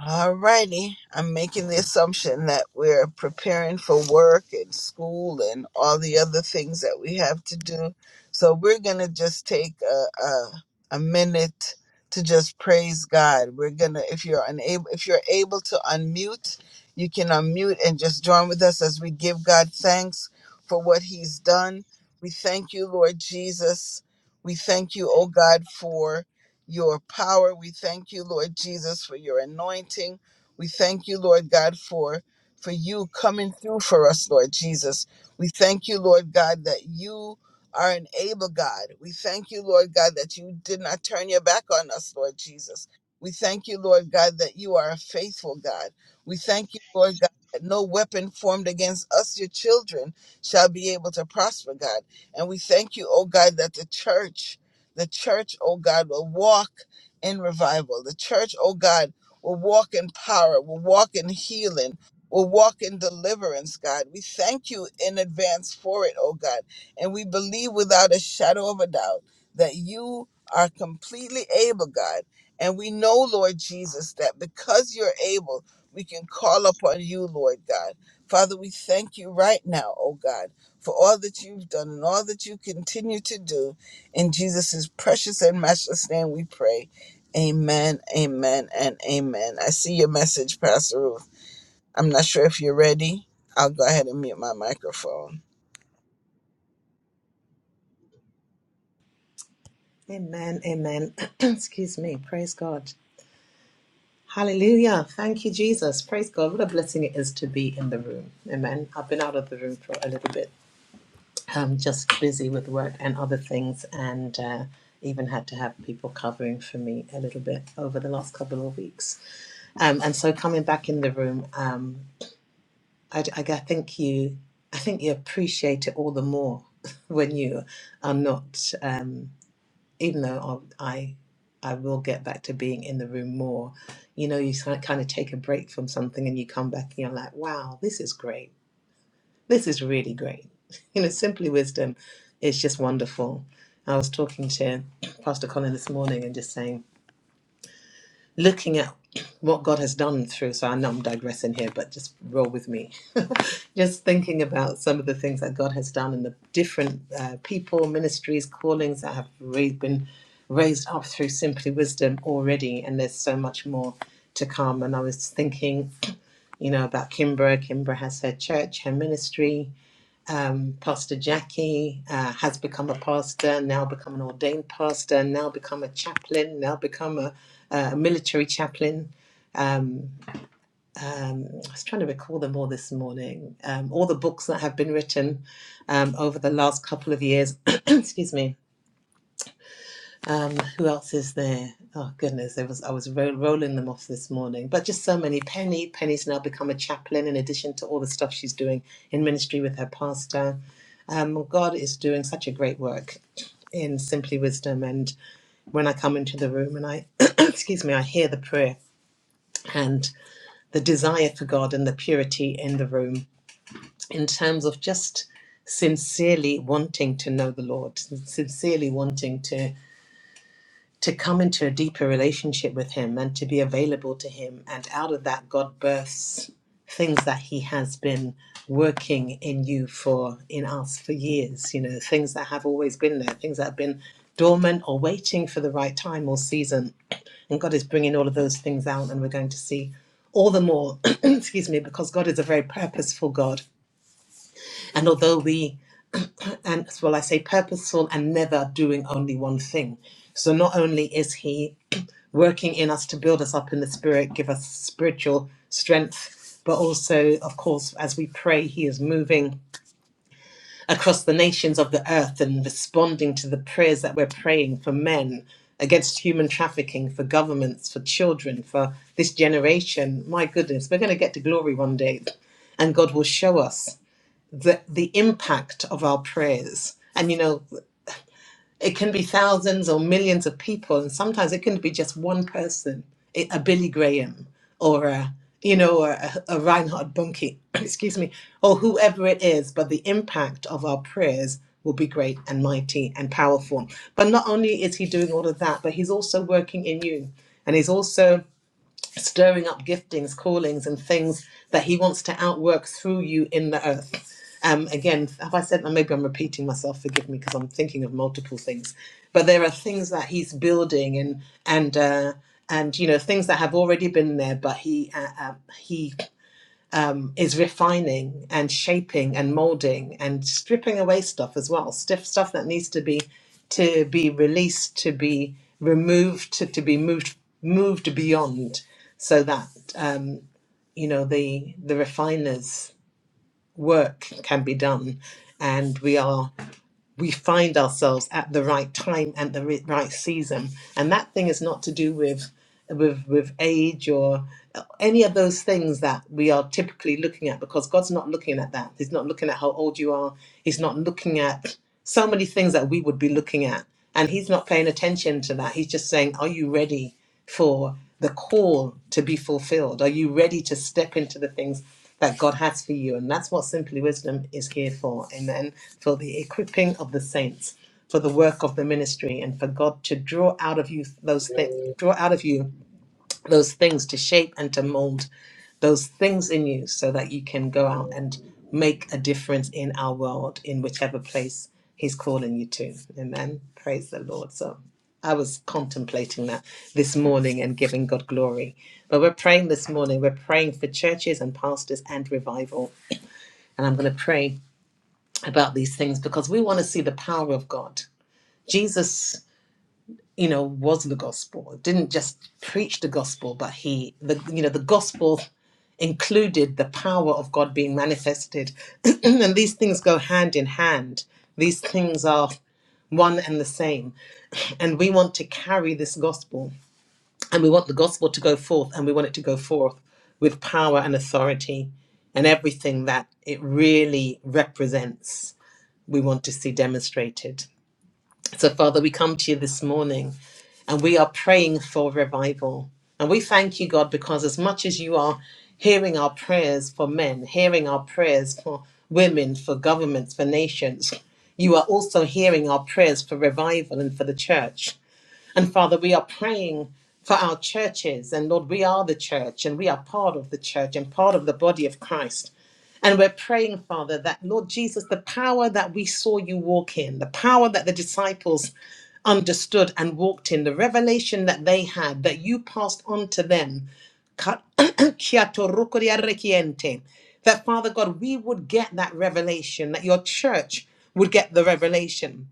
A: Alrighty. I'm making the assumption that we're preparing for work and school and all the other things that we have to do. So we're going to just take a, a, a minute to just praise God. We're going to, if you're unable, if you're able to unmute, you can unmute and just join with us as we give God thanks for what he's done. We thank you, Lord Jesus. We thank you, oh God, for your power. We thank you, Lord Jesus, for your anointing. We thank you, Lord God, for for you coming through for us, Lord Jesus. We thank you, Lord God, that you are an able God. We thank you, Lord God, that you did not turn your back on us, Lord Jesus. We thank you, Lord God, that you are a faithful God. We thank you, Lord God, that no weapon formed against us, your children, shall be able to prosper, God. And we thank you, oh God, that the church the church, oh God, will walk in revival. The church, oh God, will walk in power, will walk in healing, will walk in deliverance, God. We thank you in advance for it, oh God. And we believe without a shadow of a doubt that you are completely able, God. And we know, Lord Jesus, that because you're able, we can call upon you, Lord God. Father, we thank you right now, oh God, for all that you've done and all that you continue to do. In Jesus' precious and matchless name we pray. Amen, amen, and amen. I see your message, Pastor Ruth. I'm not sure if you're ready. I'll go ahead and mute my microphone.
D: Amen, amen. *clears throat* Excuse me. Praise God. Hallelujah. Thank you, Jesus. Praise God. What a blessing it is to be in the room. Amen. I've been out of the room for a little bit. I'm just busy with work and other things, and uh, even had to have people covering for me a little bit over the last couple of weeks. Um, and so coming back in the room, um, I, I I think you, I think you appreciate it all the more *laughs* when you are not. Um, even though I'll- I I will get back to being in the room more, you know, you kind of take a break from something and you come back and you're like, wow, this is great. This is really great. *laughs* You know, simply wisdom is just wonderful. I was talking to Pastor Colin this morning and just saying, looking at what God has done through, so I know I'm digressing here, but just roll with me. *laughs* just thinking about some of the things that God has done and the different uh, people, ministries, callings that have ra- been raised up through Simply Wisdom already, and there's so much more to come. And I was thinking, you know, about Kimbra. Kimbra has her church, her ministry, um, Pastor Jackie uh, has become a pastor, now become an ordained pastor, now become a chaplain, now become a, a military chaplain. Um, um, I was trying to recall them all this morning. Um, all the books that have been written um, over the last couple of years, *clears throat* excuse me, um, who else is there? Oh goodness, it was I was ro- rolling them off this morning, but just so many. Penny, Penny's now become a chaplain in addition to all the stuff she's doing in ministry with her pastor. Um, God is doing such a great work in Simply Wisdom, and when I come into the room and I, *coughs* *clears throat* excuse me, I hear the prayer and the desire for God and the purity in the room in terms of just sincerely wanting to know the Lord, sincerely wanting to to come into a deeper relationship with him and to be available to him and out of that god births things that he has been working in you for in us for years you know things that have always been there things that have been dormant or waiting for the right time or season and god is bringing all of those things out and we're going to see all the more *clears throat* excuse me because god is a very purposeful god and although we and well i say purposeful and never doing only one thing so not only is he working in us to build us up in the spirit, give us spiritual strength. But also, of course, as we pray, He is moving across the nations of the earth and responding to the prayers that we're praying for men against human trafficking, for governments, for children, for this generation. My goodness, we're going to get to glory one day, and God will show us the, the impact of our prayers. And you know, it can be thousands or millions of people, and sometimes it can be just one person, a a Billy Graham or a you know a, a Reinhard Bunke, *clears throat* excuse me, or whoever it is. But the impact of our prayers will be great and mighty and powerful. But not only is He doing all of that, but He's also working in you, and He's also stirring up giftings, callings, and things that He wants to outwork through you in the earth. Um, again, have I said that? Maybe I'm repeating myself. Forgive me because I'm thinking of multiple things. But there are things that He's building and and uh, and you know things that have already been there, but He uh, uh, He um, is refining and shaping and molding and stripping away stuff as well stiff stuff that needs to be to be released to be removed to, to be moved moved beyond so that um, you know the the refiners work can be done and we are we find ourselves at the right time and the ri- right season and that thing is not to do with with with age or any of those things that we are typically looking at because God's not looking at that. He's not looking at how old you are. He's not looking at so many things that we would be looking at. And he's not paying attention to that. He's just saying, Are you ready for the call to be fulfilled? Are you ready to step into the things that God has for you? And that's what Simply Wisdom is here for. Amen. For the equipping of the saints, for the work of the ministry, and for God to draw out of you those things, draw out of you those things to shape and to mold those things in you so that you can go out and make a difference in our world in whichever place he's calling you to amen praise the lord so i was contemplating that this morning and giving god glory but we're praying this morning we're praying for churches and pastors and revival and i'm going to pray about these things because we want to see the power of god jesus you know was the gospel didn't just preach the gospel but he the you know the gospel included the power of God being manifested. *clears throat* and these things go hand in hand, these things are one and the same. And we want to carry this gospel, and we want the gospel to go forth, and we want it to go forth with power and authority and everything that it really represents. We want to see demonstrated. So, Father, we come to you this morning and we are praying for revival. And we thank you, God, because as much as you are hearing our prayers for men, hearing our prayers for women, for governments, for nations, you are also hearing our prayers for revival and for the church. And Father, we are praying for our churches. And Lord, we are the church and we are part of the church and part of the body of Christ. And we're praying, Father, that Lord Jesus, the power that we saw you walk in, the power that the disciples understood and walked in the revelation that they had that you passed on to them *coughs* *clears throat* that father god we would get that revelation that your church would get the revelation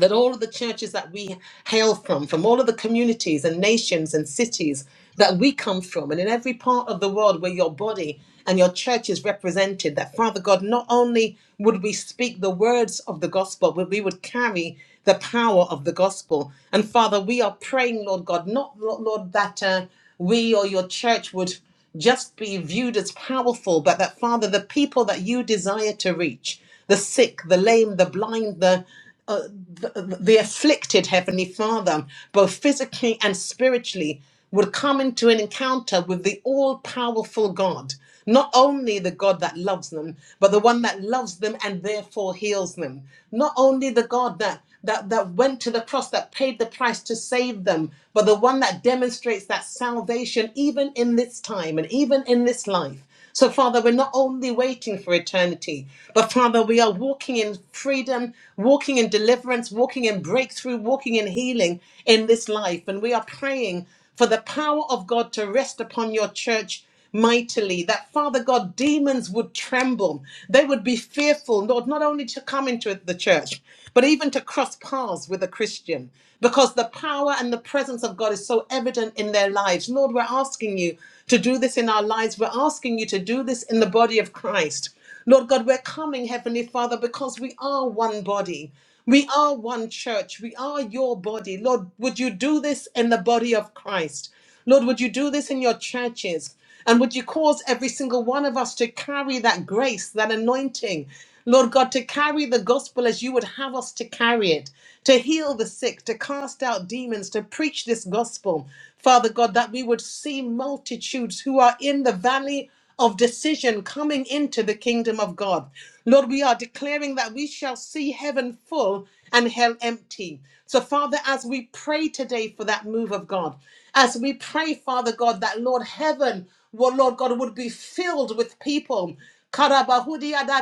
D: that all of the churches that we hail from, from all of the communities and nations and cities that we come from, and in every part of the world where your body and your church is represented, that Father God, not only would we speak the words of the gospel, but we would carry the power of the gospel. And Father, we are praying, Lord God, not, Lord, that uh, we or your church would just be viewed as powerful, but that, Father, the people that you desire to reach, the sick, the lame, the blind, the uh, the, the afflicted heavenly father both physically and spiritually would come into an encounter with the all-powerful god not only the god that loves them but the one that loves them and therefore heals them not only the god that that, that went to the cross that paid the price to save them but the one that demonstrates that salvation even in this time and even in this life so, Father, we're not only waiting for eternity, but Father, we are walking in freedom, walking in deliverance, walking in breakthrough, walking in healing in this life. And we are praying for the power of God to rest upon your church mightily, that Father God, demons would tremble. They would be fearful, Lord, not only to come into the church, but even to cross paths with a Christian, because the power and the presence of God is so evident in their lives. Lord, we're asking you to do this in our lives. We're asking you to do this in the body of Christ. Lord God, we're coming, Heavenly Father, because we are one body. We are one church. We are your body. Lord, would you do this in the body of Christ? Lord, would you do this in your churches? And would you cause every single one of us to carry that grace, that anointing, Lord God, to carry the gospel as you would have us to carry it, to heal the sick, to cast out demons, to preach this gospel, Father God, that we would see multitudes who are in the valley of decision coming into the kingdom of God. Lord, we are declaring that we shall see heaven full and hell empty. So, Father, as we pray today for that move of God, as we pray, Father God, that Lord heaven, well, Lord God, would be filled with people. Karabahudia da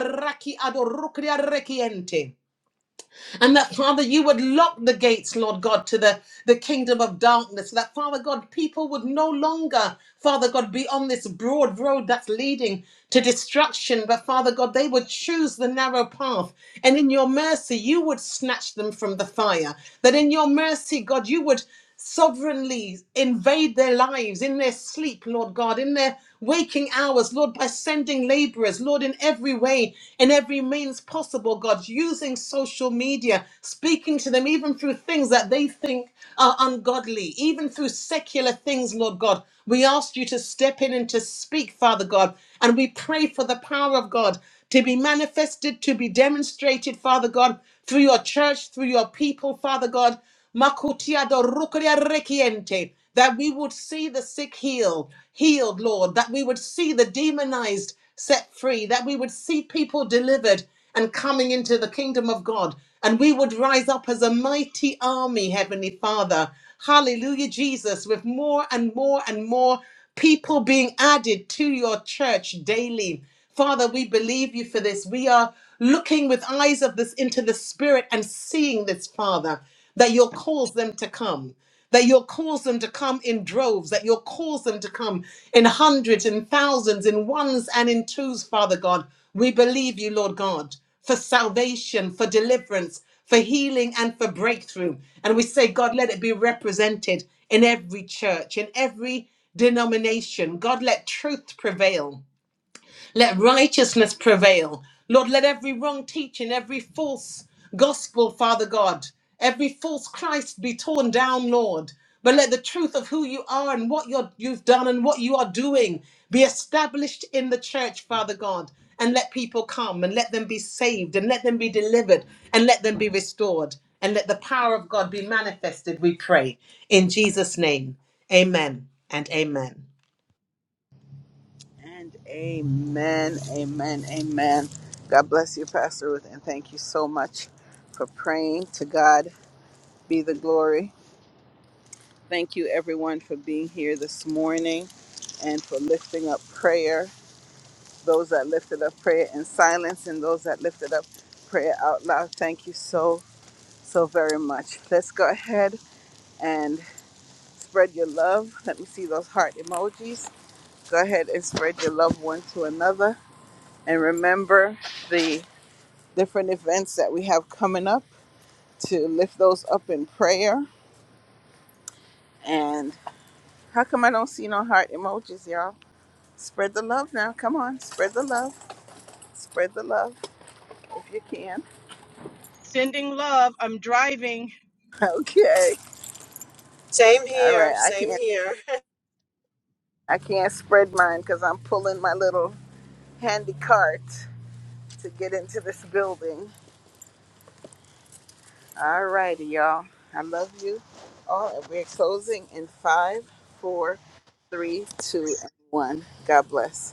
D: adorukria rekiente. And that, Father, you would lock the gates, Lord God, to the, the kingdom of darkness. so That, Father God, people would no longer, Father God, be on this broad road that's leading to destruction. But, Father God, they would choose the narrow path. And in your mercy, you would snatch them from the fire. That in your mercy, God, you would sovereignly invade their lives in their sleep, Lord God, in their waking hours, Lord, by sending laborers, Lord, in every way, in every means possible, God, using social media, speaking to them even through things that they think are ungodly, even through secular things, Lord God. We ask you to step in and to speak, Father God, and we pray for the power of God to be manifested, to be demonstrated, Father God, through your church, through your people, Father God. Makutia do rukuria rekiente. That we would see the sick healed, healed, Lord. That we would see the demonized set free. That we would see people delivered and coming into the kingdom of God. And we would rise up as a mighty army, Heavenly Father. Hallelujah, Jesus, with more and more and more people being added to your church daily. Father, we believe you for this. We are looking with eyes of this into the spirit and seeing this, Father that you'll cause them to come, that you'll cause them to come in droves, that you'll cause them to come in hundreds, in thousands, in ones and in twos, Father God. We believe you, Lord God, for salvation, for deliverance, for healing, and for breakthrough. And we say, God, let it be represented in every church, in every denomination. God, let truth prevail. Let righteousness prevail. Lord, let every wrong teaching, every false gospel, Father God, every false Christ be torn down, Lord. But let the truth of who you are and what you're, you've done and what you are doing be established in the church, Father God. And let people come and let them be saved and let them be delivered and let them be restored. And let the power of God be manifested, we pray. In Jesus' name, amen and amen.
A: And amen, amen, amen. God bless you, Pastor Ruth, and thank you so much for praying. To God be the glory. Thank you, everyone, for being here this morning and for lifting up prayer. those that lifted up prayer in silence and those that lifted up prayer out loud. Thank you so, so very much. Let's go ahead and spread your love. Let me see those heart emojis. Go ahead and spread your love one to another. And remember the different events that we have coming up to lift those up in prayer. And how come I don't see no heart emojis, y'all? Spread the love now. Come on, spread the love. Spread the love if you can.
B: Sending love. I'm driving.
A: *laughs* Okay.
E: Same
A: All right,
E: here,
A: I
E: same
A: can't
E: here. *laughs*
A: I can't spread mine because I'm pulling my little handy cart to get into this building. All righty, y'all. I love you all, and we're closing in five, four, three, two, and one. God bless.